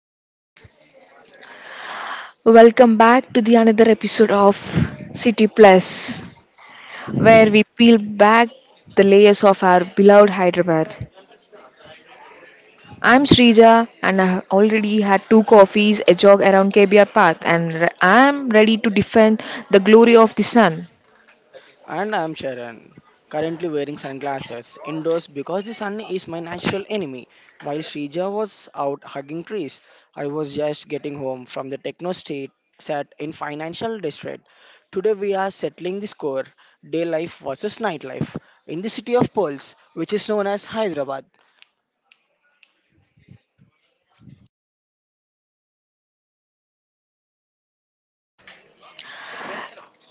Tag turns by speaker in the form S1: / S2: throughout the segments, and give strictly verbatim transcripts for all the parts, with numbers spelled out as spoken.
S1: Uh, Welcome back to the another episode of City Plus, where we peel back the layers of our beloved Hyderabad. I'm Srija, and I already had two coffees, a jog around K B R Park, and re- I'm ready to defend the glory of the sun.
S2: And I'm Sharan, currently wearing sunglasses indoors because the sun is my natural enemy. While Srija was out hugging trees, I was just getting home from the techno state set in financial district. Today we are settling the score, day life versus nightlife, in the city of pearls, which is known as Hyderabad.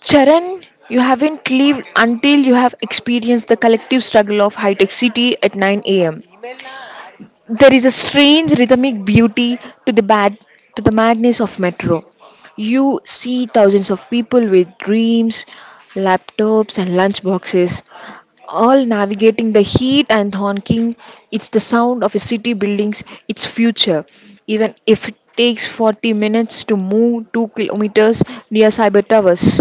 S1: Charan, you haven't lived until you have experienced the collective struggle of high tech city at nine a m. There is a strange rhythmic beauty to the bad to the madness of metro. You see thousands of people with dreams, laptops and lunchboxes, all navigating the heat and honking. It's the sound of a city buildings, its future. Even if it takes forty minutes to move two kilometers near cyber towers.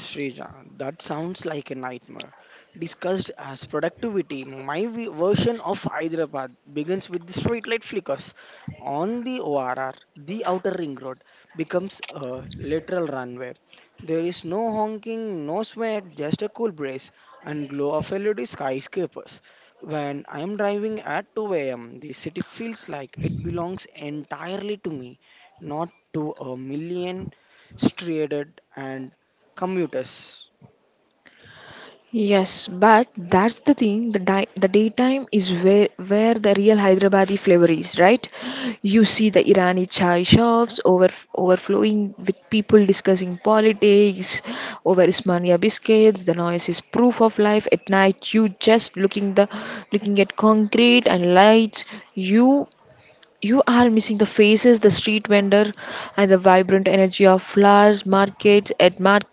S2: Srija, that sounds like a nightmare. Discussed as productivity, my vi- version of Hyderabad begins with the streetlight flickers on the O R R. The outer ring road becomes a literal runway. There is no honking, no sweat, just a cool breeze and glow of L E D skyscrapers. When I am driving at two a m, the city feels like it belongs entirely to me, not to a million stranded and commuters.
S1: Yes, but that's the thing. The di- the daytime is where where the real Hyderabadi flavor is, right? You see the Irani chai shops over overflowing with people discussing politics over Ismania biscuits. The noise is proof of life. At night, you just looking the looking at concrete and lights. You you are missing the faces, the street vendor, and the vibrant energy of flowers markets at market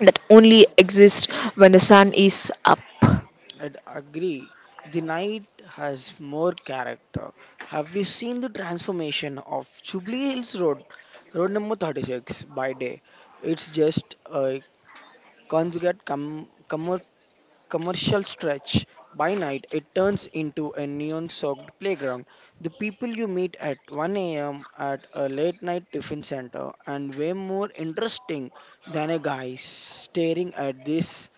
S1: that only exists when the sun is up.
S2: I'd agree. The night has more character. Have you seen the transformation of Jubilee Hills Road, road number thirty-six, by day? It's just a conjugate com- commer- commercial stretch. By night, it turns into a neon soaked playground. The people you meet at one a m at a late night tiffin center and way more interesting than a guy staring at this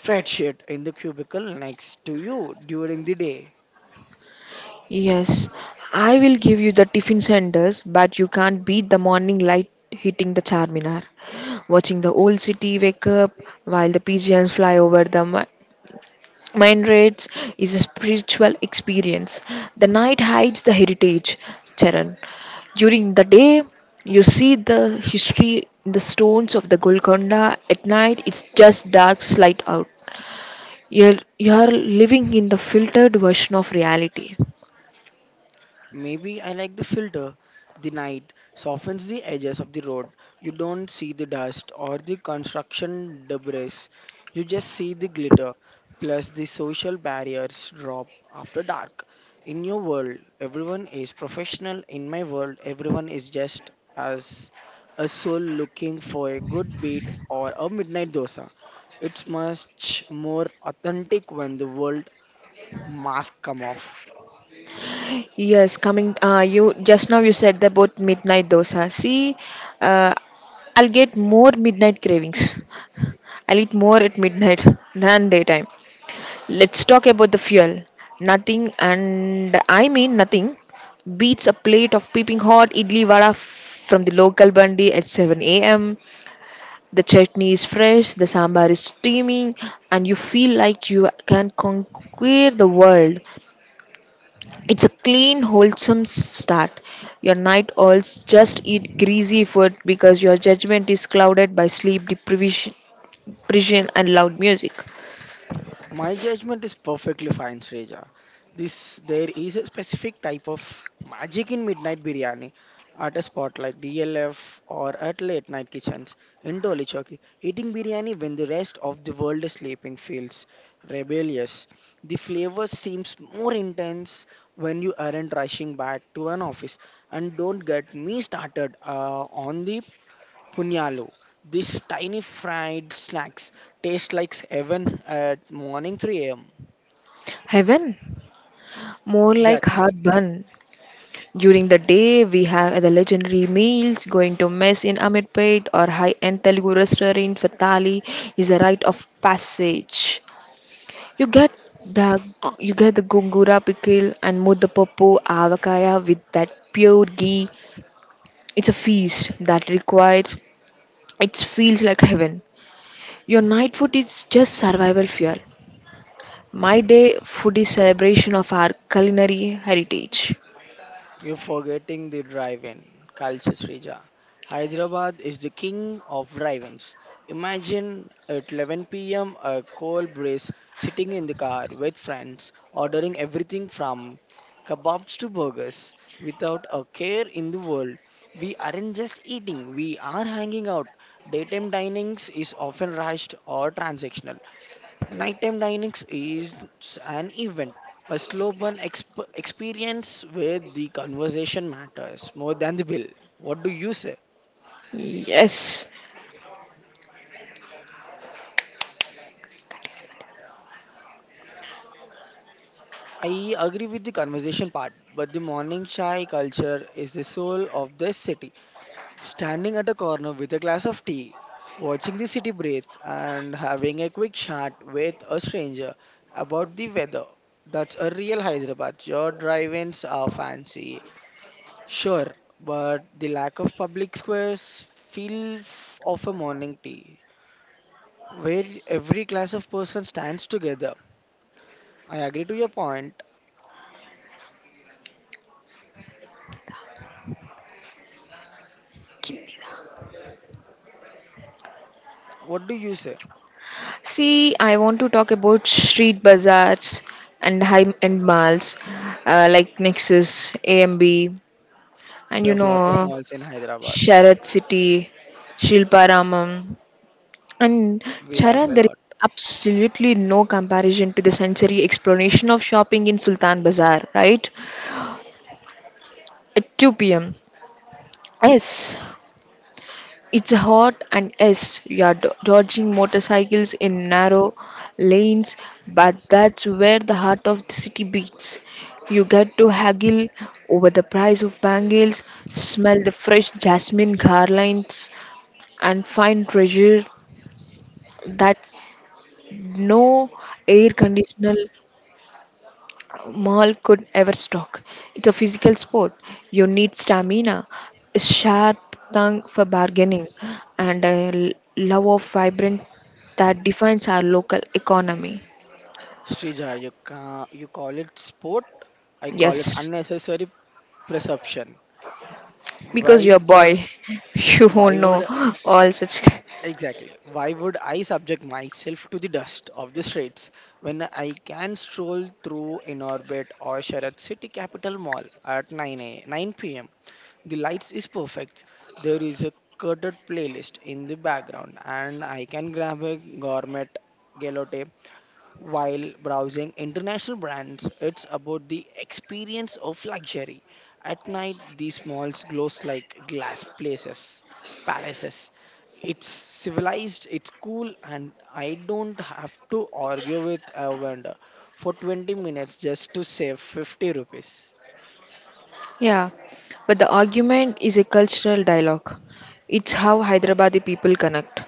S2: spreadsheet in the cubicle next to you during the day.
S1: Yes, I will give you the tiffin senders, but you can't beat the morning light hitting the Charminar. Watching the old city wake up while the pigeons fly over the mi- mine raids is a spiritual experience. The night hides the heritage, Charan. During the day, you see the history in the stones of the Golconda. At night, it's just dark, Slide out. You're you're living in the filtered version of reality.
S2: Maybe I like the filter. The night softens the edges of the road. You don't see the dust or the construction debris. You just see the glitter. Plus, the social barriers drop after dark. In your world, everyone is professional. In my world, everyone is just as a soul looking for a good beat or a midnight dosa. It's much more authentic when the world mask come off.
S1: Yes, coming. Uh, you just now you said about midnight dosa. See, uh, I'll get more midnight cravings. I'll eat more at midnight than daytime. Let's talk about the fuel. Nothing, and I mean nothing, beats a plate of peeping hot idli vada from the local bandi at seven a m. The chutney is fresh, the sambar is steaming, and you feel like you can conquer the world. It's a clean, wholesome start. Your night owls just eat greasy food because your judgment is clouded by sleep deprivation depression, and loud music.
S2: My judgment is perfectly fine, Sreja. This there is a specific type of magic in midnight biryani at a spot like D L F or at late night kitchens in Doli Chowki. Eating biryani when the rest of the world is sleeping feels rebellious. The flavor seems more intense when you aren't rushing back to an office. And don't get me started uh, on the Punyalo. These tiny fried snacks taste like heaven at morning three a m.
S1: Heaven, more like
S2: Exactly.
S1: hard bun. During the day, we have the legendary meals. Going to mess in Amirpet or high-end Telugu restaurant for thali is a rite of passage. You get the you get the gongura pickle and mudapappu avakaya with that pure ghee. It's a feast that requires It feels like heaven. Your night food is just survival fuel. My day food is celebration of our culinary heritage.
S2: You're forgetting the drive-in culture, Srija. Hyderabad is the king of drive-ins. Imagine at eleven p m a cold breeze sitting in the car with friends, ordering everything from kebabs to burgers without a care in the world. We aren't just eating, we are hanging out. Daytime dinings is often rushed or transactional. Nighttime dining is an event, a slow burn exp- experience where the conversation matters more than the bill. What do you say?
S1: Yes.
S2: I agree with the conversation part, but the morning chai culture is the soul of this city. Standing at a corner with a glass of tea, watching the city breathe, and having a quick chat with a stranger about the weather. That's a real Hyderabad. Your drive-ins are fancy. Sure, but the lack of public squares feel f- of a morning tea where every class of person stands together. I agree to your point. What do you say?
S1: See, I want to talk about street bazaars and high-end malls uh, like Nexus, A M B, and
S2: We
S1: you
S2: have lot of
S1: know
S2: malls in Hyderabad.
S1: Sharad City, Shilparamam, and
S2: We
S1: Chara,
S2: have a
S1: there is
S2: lot.
S1: absolutely no comparison to the sensory exploration of shopping in Sultan Bazaar, right? At two p m. Yes, it's hot, and yes, you are do- dodging motorcycles in narrow lanes, but that's where the heart of the city beats. You get to haggle over the price of bangles, smell the fresh jasmine garlands, and find treasure that no air conditional mall could ever stock. It's a physical sport. You need stamina, a sharp tongue for bargaining, and a l- love of vibrant that defines our local economy.
S2: Srija, you ca you call it sport. I call it
S1: Yes,
S2: unnecessary perception.
S1: because you're a
S2: Why
S1: boy,
S2: would
S1: you won't
S2: why
S1: know
S2: would
S1: all such.
S2: Exactly. Why would I subject myself to the dust of the streets when I can stroll through in orbit or Sharad City Capital Mall at 9 a nine p m. The lights is perfect. There is a curded playlist in the background and I can grab a gourmet gelato while browsing international brands, it's about the experience of luxury. At night, these malls glows like glass places, palaces. It's civilized, it's cool, and I don't have to argue with a vendor for twenty minutes just to save fifty rupees.
S1: Yeah, but the argument is a cultural dialogue. It's how Hyderabadi people connect.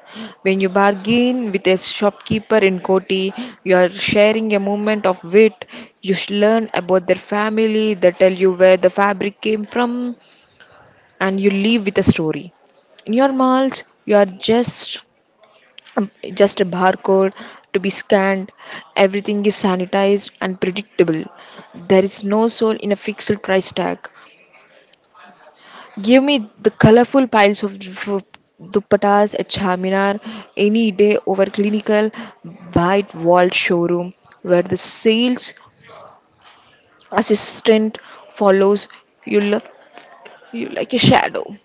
S1: When you bargain with a shopkeeper in Koti, you are sharing a moment of wit. You sh- learn about their family, they tell you where the fabric came from, and you leave with a story. In your malls, you are just um, just a barcode to be scanned. Everything is sanitized and predictable. There is no soul in a fixed price tag. Give me the colorful piles of du- dupattas at Charminar any day over clinical white walled showroom where the sales assistant follows you look you like a shadow.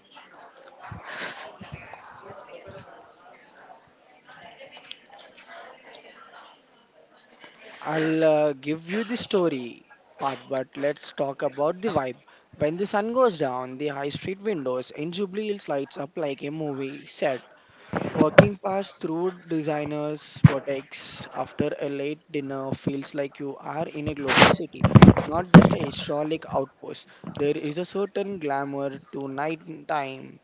S2: I'll uh, give you the story part, but let's talk about the vibe. When the sun goes down, the high street windows in Jubilee Hills lights up like a movie set. Walking past through designers' boutiques after a late dinner feels like you are in a global city, not just a historic outpost. There is a certain glamour to nighttime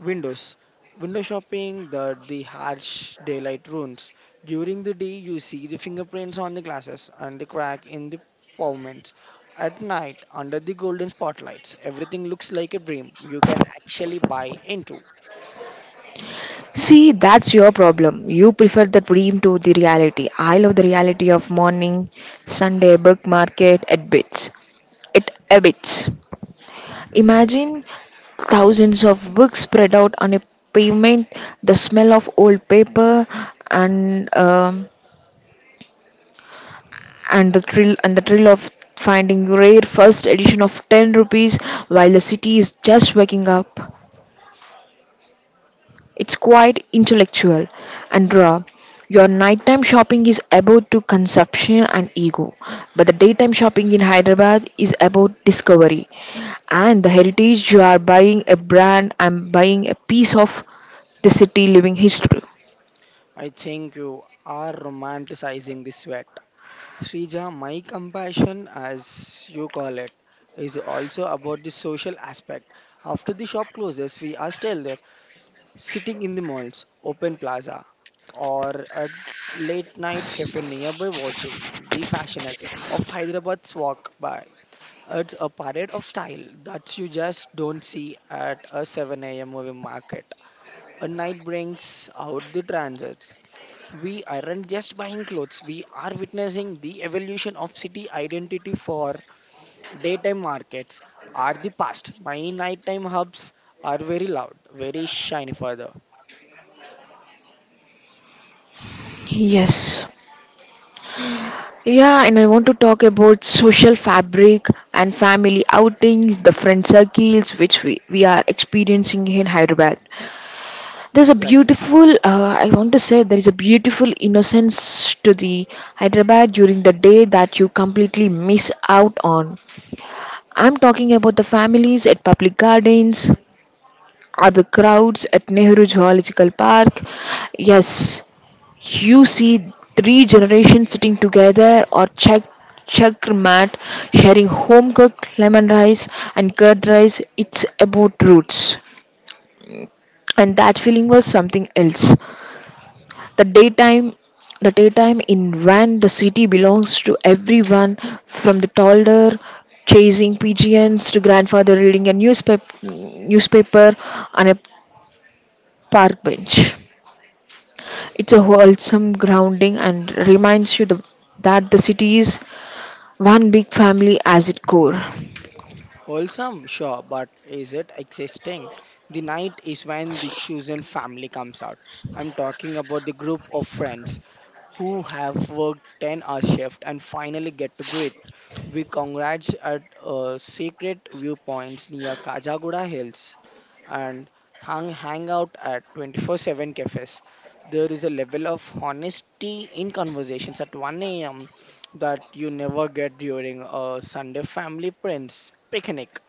S2: windows, window shopping, the, the harsh daylight ruins. During the day, you see the fingerprints on the glasses and the crack in the pavements. At night, under the golden spotlights, everything looks like a dream you can actually buy into.
S1: See, that's your problem. You prefer the dream to the reality. I love the reality of morning Sunday book market at Bits. It Abbots. Imagine thousands of books spread out on a pavement, the smell of old paper, and um, and the thrill and the thrill of finding rare first edition of ten rupees while the city is just waking up. It's quite intellectual and raw. Your nighttime shopping is about to consumption and ego, but the daytime shopping in Hyderabad is about discovery and the heritage. You are buying a brand, I'm buying a piece of the city living history.
S2: I think you are romanticizing the sweat. Srija, my compassion, as you call it, is also about the social aspect. After the shop closes, we are still there, sitting in the malls, open plaza, or a late night cafe nearby watching the fashionists of Hyderabad's walk by. It's a parade of style that you just don't see at a seven a m movie market. A night brings out the transits we aren't just buying clothes we are witnessing the evolution of city identity for daytime markets are the past my nighttime hubs are very loud very shiny further.
S1: Yes. Yeah, and I want to talk about social fabric and family outings, the friend circles which we, we are experiencing in Hyderabad. There's a
S2: Exactly.
S1: beautiful uh, I want to say there is a beautiful innocence to the Hyderabad during the day that you completely miss out on. I'm talking about the families at public gardens or the crowds at Nehru Zoological Park. Yes, you see three generations sitting together or check mat sharing home cooked lemon rice and curd rice. It's about roots and that feeling was something else. The daytime the daytime in when the city belongs to everyone, from the toddler chasing pigeons to grandfather reading a newspaper newspaper on a park bench. It's a wholesome grounding and reminds you the, that the city is one big family as its core.
S2: Wholesome, sure, but is it existing? The night is when the chosen family comes out. I'm talking about the group of friends who have worked ten hour shift and finally get to breathe. We congrats at uh, secret viewpoints near Kajagoda Hills and hang, hang out at twenty-four seven cafes. There is a level of honesty in conversations at one a m that you never get during a Sunday family friends picnic.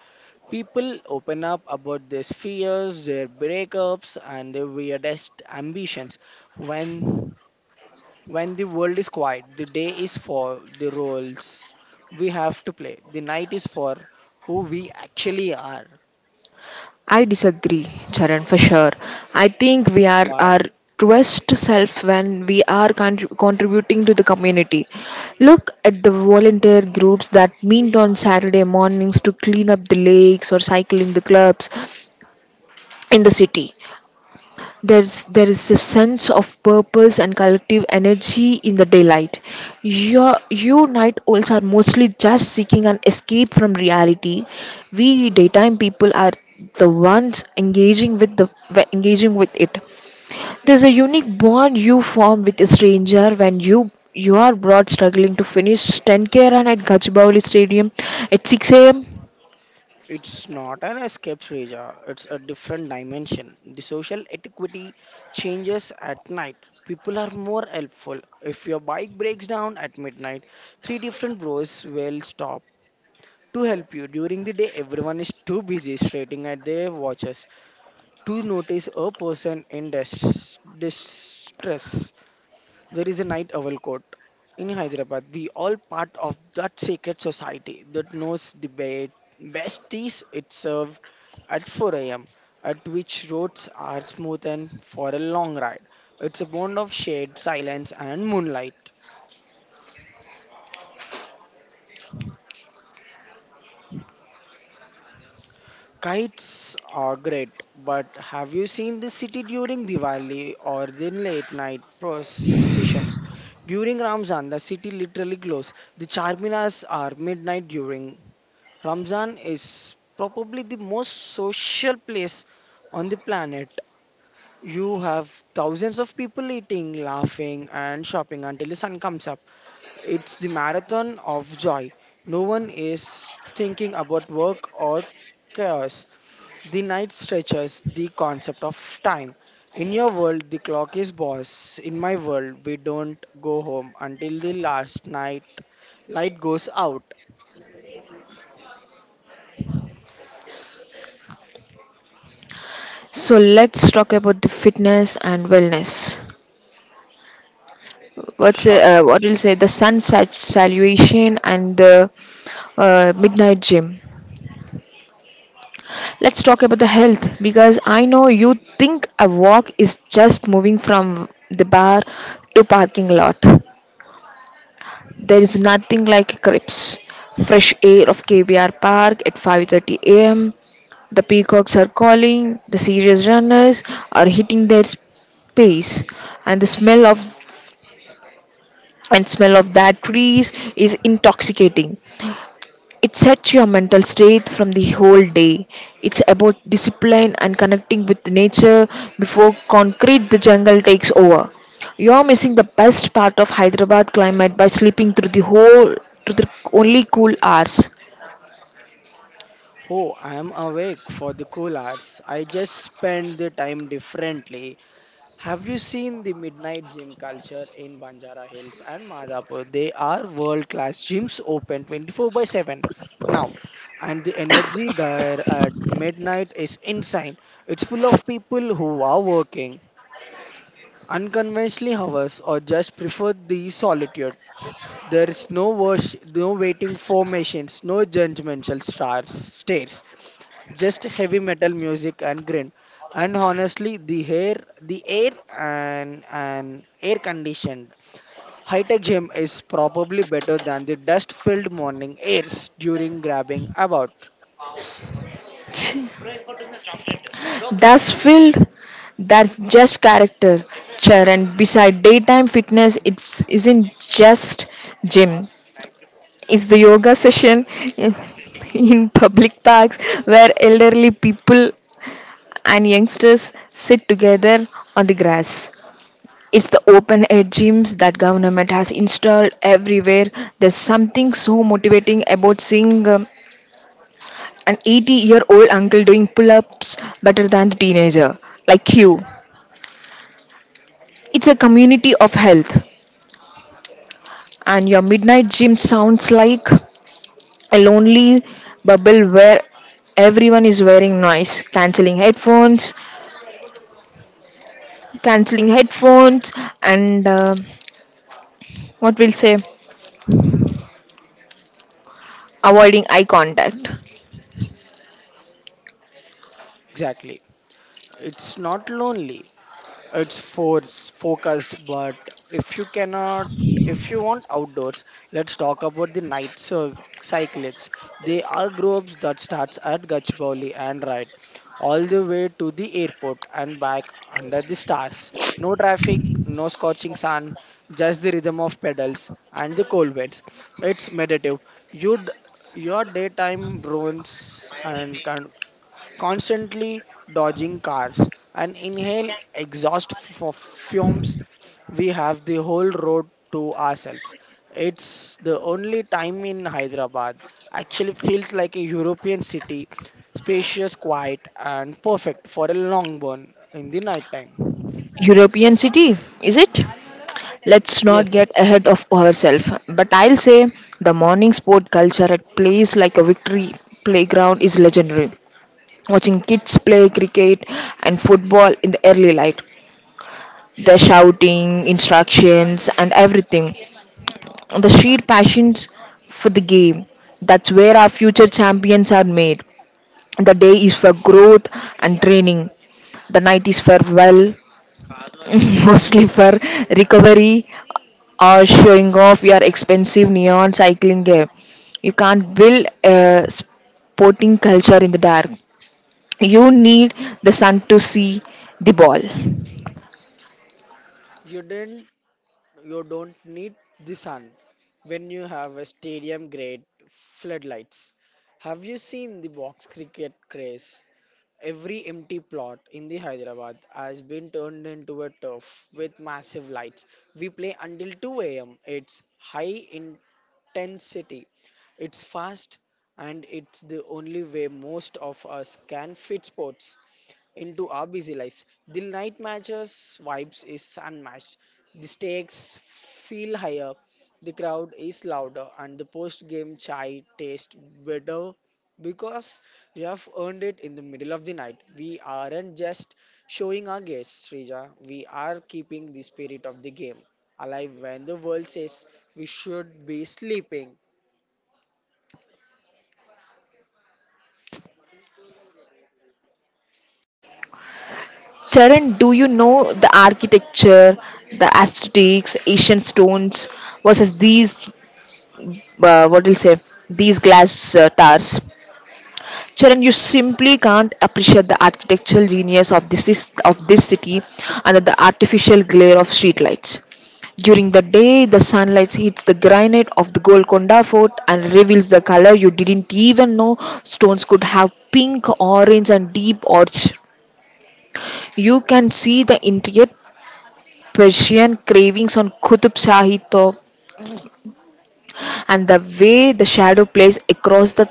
S2: People open up about their fears, their breakups, and their weirdest ambitions. When when the world is quiet, the day is for the roles we have to play. The night is for who we actually are.
S1: I disagree, Charan, for sure. I think we are our
S2: Why?
S1: truest self when we are contri- contributing to the community. Look at the volunteer groups that meet on Saturday mornings to clean up the lakes or cycling the clubs in the city. There's, there is a sense of purpose and collective energy in the daylight. Your, you night owls are mostly just seeking an escape from reality. We daytime people are the ones engaging with the engaging with it. There's a unique bond you form with a stranger when you you are brought struggling to finish ten k run at Gachibowli Stadium at six a m.
S2: It's not an escape, Srija. It's a different dimension. The social etiquette changes at night. People are more helpful. If your bike breaks down at midnight, three different bros will stop to help you. During the day, everyone is too busy staring at their watches to notice a person in dis- distress. There is a night owl court in Hyderabad. We all part of that sacred society that knows the be- best teas it served at four a m at which roads are smooth and for a long ride. It's a bond of shade, silence and moonlight. Kites are great, but have you seen the city during Diwali or the late night processions? During Ramzan, the city literally glows. The charminas are midnight during. Ramzan is probably the most social place on the planet. You have thousands of people eating, laughing, and shopping until the sun comes up. It's the marathon of joy. No one is thinking about work or chaos. The night stretches the concept of time. In your world, the clock is boss. In my world, we don't go home until the last night light goes out.
S1: So let's talk about the fitness and wellness. What's
S2: Sure.
S1: uh, what will say the sun sat- salutation and the uh, midnight gym. Let's talk about the health, because I know you think a walk is just moving from the bar to parking lot. There is nothing like crips fresh air of K B R park at five thirty a m The peacocks are calling, the serious runners are hitting their pace, and the smell of and smell of that trees is intoxicating. It sets your mental state from the whole day. It's about discipline and connecting with nature before concrete the jungle takes over. You're missing the best part of Hyderabad climate by sleeping through the whole through the only cool hours.
S2: Oh, I am awake for the cool hours. I just spend the time differently. Have you seen the midnight gym culture in Banjara Hills and Madhapur? They are world class gyms open twenty-four by seven now, and the energy there at midnight is insane. It's full of people who are working unconventionally hours or just prefer the solitude. There is no worship, no waiting formations, no judgmental stars, stares, just heavy metal music and grin. And honestly, the hair, the air, and and air conditioned high-tech gym is probably better than the dust-filled morning airs during grabbing about.
S1: That's filled. That's just character. Chair and beside daytime fitness, it's isn't just gym. It's the yoga session in, in public parks where elderly people and youngsters sit together on the grass. It's the open air gyms that government has installed everywhere. There's something so motivating about seeing um, an eighty year old uncle doing pull ups better than the teenager like you. It's a community of health, and your midnight gym sounds like a lonely bubble where everyone is wearing noise cancelling headphones cancelling headphones and uh, what we'll say avoiding eye contact.
S2: Exactly, it's not lonely. It's for focused, but if you cannot, if you want outdoors, let's talk about the night cy- cyclists. They are groups that starts at Gachibowli and ride all the way to the airport and back under the stars. No traffic, no scorching sun, just the rhythm of pedals and the cold winds. It's meditative. You'd your daytime ruins and con- constantly dodging cars and inhale exhaust f- fumes we have the whole road to ourselves it's the only time in hyderabad actually feels like a european city spacious quiet and perfect for a long burn in the night time.
S1: European city, is it? Let's not
S2: Yes.
S1: get ahead of ourselves, but I'll say the morning sport culture at place like a victory playground is legendary. Watching kids play cricket and football in the early light, the shouting, instructions, and everything, the sheer passions for the game. That's where our future champions are made. The day is for growth and training. The night is farewell mostly for recovery or showing off your expensive neon cycling gear. You can't build a sporting culture in the dark. You need the sun to see the ball.
S2: you didn't you don't need the sun when you have a stadium grade floodlights. Have you seen the box cricket craze? Every empty plot in the Hyderabad has been turned into a turf with massive lights. We play until two a m. It's high intensity. It's fast and it's the only way most of us can fit sports into our busy lives. The night matches vibes is unmatched. The stakes feel higher, the crowd is louder, and the post game chai tastes better because we have earned it in the middle of the night. We aren't just showing our guests, Srija. We are keeping the spirit of the game alive when the world says we should be sleeping.
S1: Charan, do you know the architecture, the aesthetics, Asian stones versus these, uh, what do you say, these glass uh, towers? Charan, you simply can't appreciate the architectural genius of this is- of this city under the artificial glare of streetlights. During the day, the sunlight hits the granite of the Golconda Fort and reveals the color you didn't even know stones could have pink, orange, and deep orange. You can see the intricate Persian carvings on Qutub Shahi and the way the shadow plays across the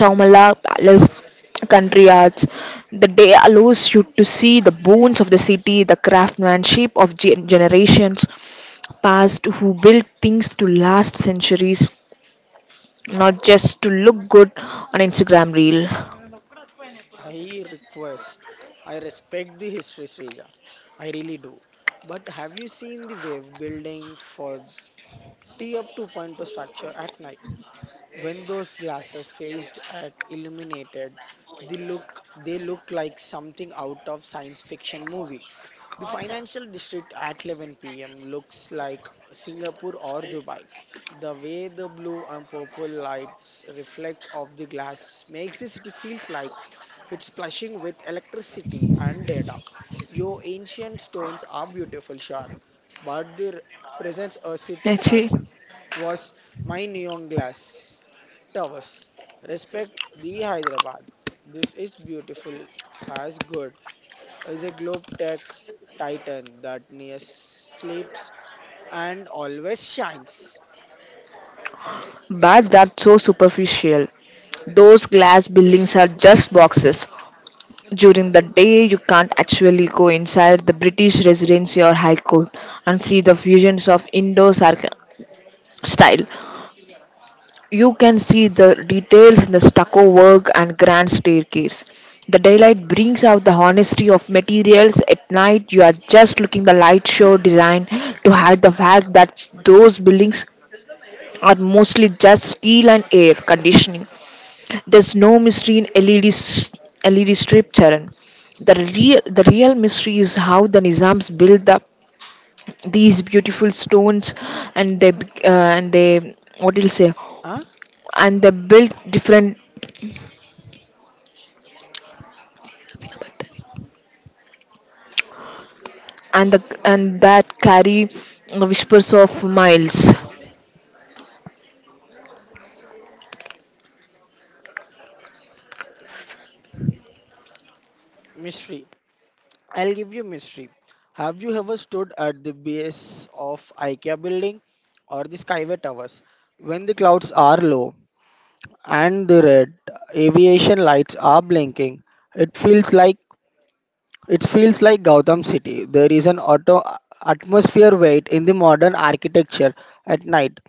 S1: Chowmala Palace country arts. The day allows you to see the bones of the city, the craftsmanship of gen- generations past who built things to last centuries, not just to look good on Instagram reel.
S2: I request, I respect the history, Srija. I really do. But have you seen the wave building for the up 2.0 structure at night? When those glasses phased at illuminated, they look they look like something out of science fiction movie. The financial district at eleven p m looks like Singapore or Dubai. The way the blue and purple lights reflects off the glass makes the city feels like it's splashing with electricity and data. Your ancient stones are beautiful, sure, but they represents a city that
S1: Actually,
S2: was my neon glass towers. Respect the Hyderabad. This is beautiful as good. Is a globe tech titan that near sleeps and always shines.
S1: but that's so superficial. Those glass buildings are just boxes. During the day, you can't actually go inside the British Residency or High Court and see the fusions of Indo style. You can see the details in the stucco work and grand staircase. The daylight brings out the honesty of materials. At night, you are just looking the light show design to hide the fact that those buildings are mostly just steel and air conditioning. There's no mystery in LED, L E D strip, Charan. The real, the real mystery is how the Nizams built up these beautiful stones, and they bec- uh, and they what do you say?
S2: Huh?
S1: And they built different and the and that carry whispers of miles.
S2: Mystery. I'll give you mystery. Have you ever stood at the base of IKEA building or the Skyway Towers when the clouds are low and the red aviation lights are blinking? It feels like It feels like Gautam City. There is an auto atmosphere weight in the modern architecture at night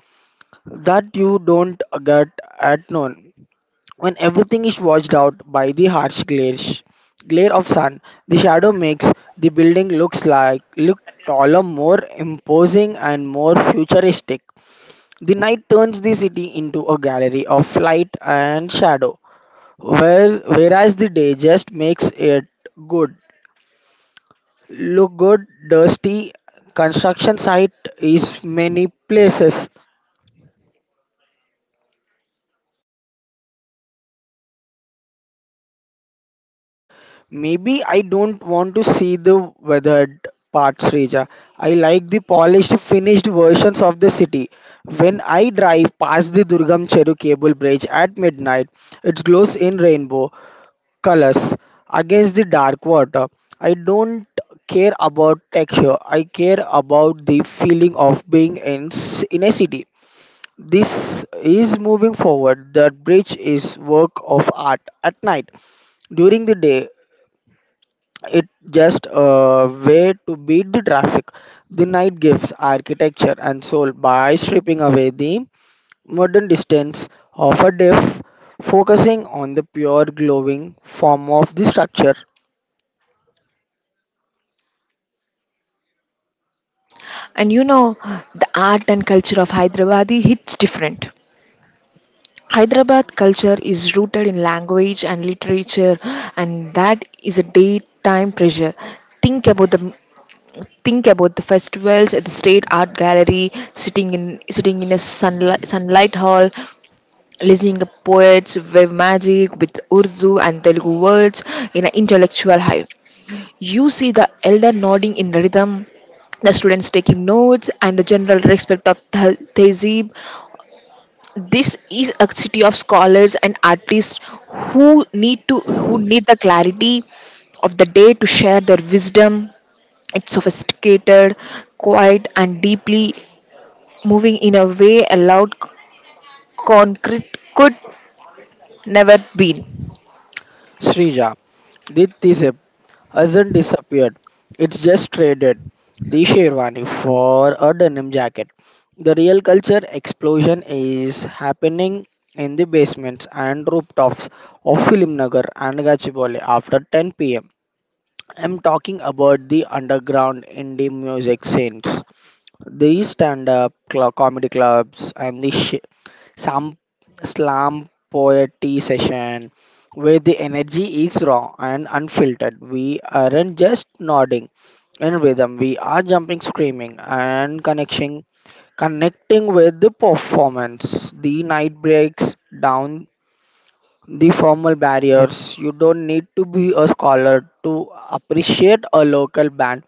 S2: that you don't get at noon. When everything is washed out by the harsh glare, glare of sun, the shadow makes the building looks like look taller, more imposing, and more futuristic. The night turns the city into a gallery of light and shadow, where, whereas the day just makes it good. Look good, dusty construction site is many places. Maybe I don't want to see the weathered parts, Reja. I like the polished, finished versions of the city. When I drive past the Durgam Cheru cable bridge at midnight, it glows in rainbow colors against the dark water. I don't care about texture. I care about the feeling of being in, s- in a city. This is moving forward. That bridge is work of art at night. During the day, it just a way to beat the traffic. The night gives architecture and soul by stripping away the modern distance of a day, f- focusing on the pure glowing form of the structure.
S1: And you know the art and culture of Hyderabad hits different. Hyderabad culture is rooted in language and literature, and that is a daytime pressure. Think about the think about the festivals at the state art gallery, sitting in sitting in a sunlight, sunlight hall, listening to poets wave magic with Urdu and Telugu words in an intellectual hive. You see the elder nodding in rhythm, the students taking notes, and the general respect of the tehzeeb. This is a city of scholars and artists who need to who need the clarity of the day to share their wisdom. It's sophisticated, quiet, and deeply moving in a way a loud c- concrete could never be.
S2: Srija, this is a hasn't disappeared. It's just traded the sherwani for a denim jacket. The real culture explosion is happening in the basements and rooftops of Filmnagar and Gachibowli after ten p m. I'm talking about the underground indie music scenes. These stand up cl- comedy clubs and the sh- some slam poetry session where the energy is raw and unfiltered. We aren't just nodding in rhythm, we are jumping, screaming, and connecting, connecting with the performance. The night breaks down the formal barriers. You don't need to be a scholar to appreciate a local band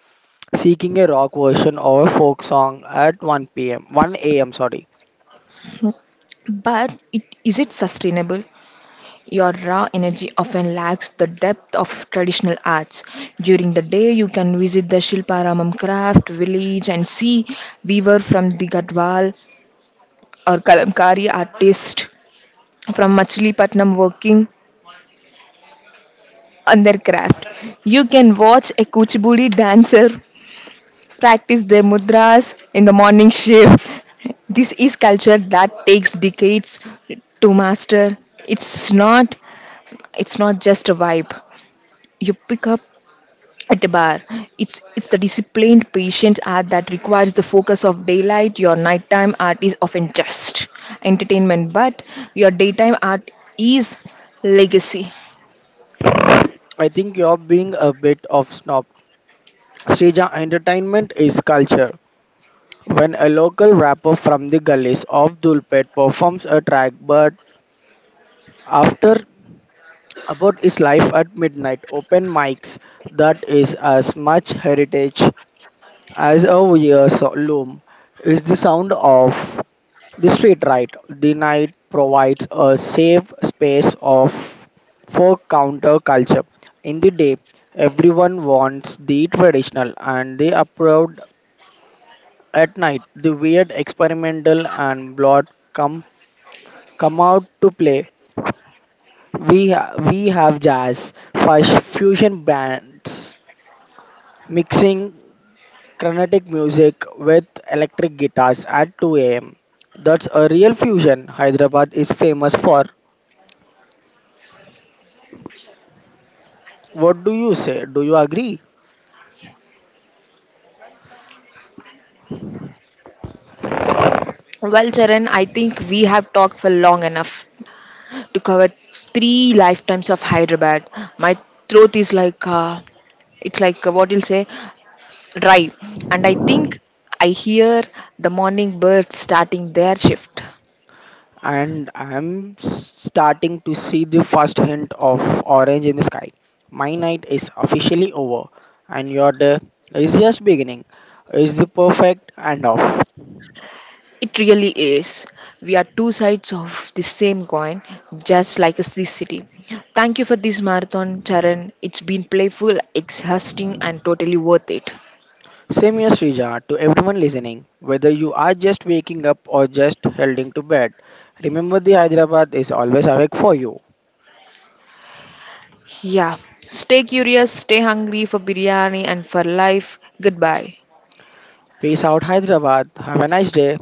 S2: seeking a rock version or a folk song at one p m one a m. Sorry,
S1: But it, is it sustainable? Your raw energy often lacks the depth of traditional arts. During the day, you can visit the Shilparamam craft village and see weaver from the Gadwal or Kalamkari artists from Machilipatnam working on their craft. You can watch a Kuchibudi dancer practice their mudras in the morning shift. This is culture that takes decades to master. It's not it's not just a vibe. You pick up at a bar. It's it's the disciplined patient art that requires the focus of daylight. Your nighttime art is often just entertainment, but your daytime art is legacy.
S2: I think you're being a bit of snob. Srija entertainment is culture. When a local rapper from the gullies of Dulpet performs a track, but after about his life at midnight open mics, that is as much heritage as a year's loom. It's the sound of the street right. The night provides a safe space of for counterculture. In the day, everyone wants the traditional and they approve at night. The weird, experimental and blood come come out to play. We ha- we have jazz, fush, fusion bands mixing Carnatic music with electric guitars at two a m. That's a real fusion. Hyderabad is famous for. What do you say? Do you agree?
S1: Well, Charan, I think we have talked for long enough to cover three lifetimes of Hyderabad. My throat is like uh, it's like uh, what you'll say dry, and I think I hear the morning birds starting their shift.
S2: And I'm starting to see the first hint of orange in the sky. My night is officially over, and your day is just beginning. It's the perfect end off.
S1: It really is. We are two sides of the same coin, just like us this city. Thank you for this marathon, Charan. It's been playful, exhausting, and totally worth it.
S2: Same here, Srija, to everyone listening, whether you are just waking up or just heading to bed, remember the Hyderabad is always awake for you.
S1: Yeah. Stay curious, stay hungry for biryani and for life. Goodbye.
S2: Peace out, Hyderabad. Have a nice day.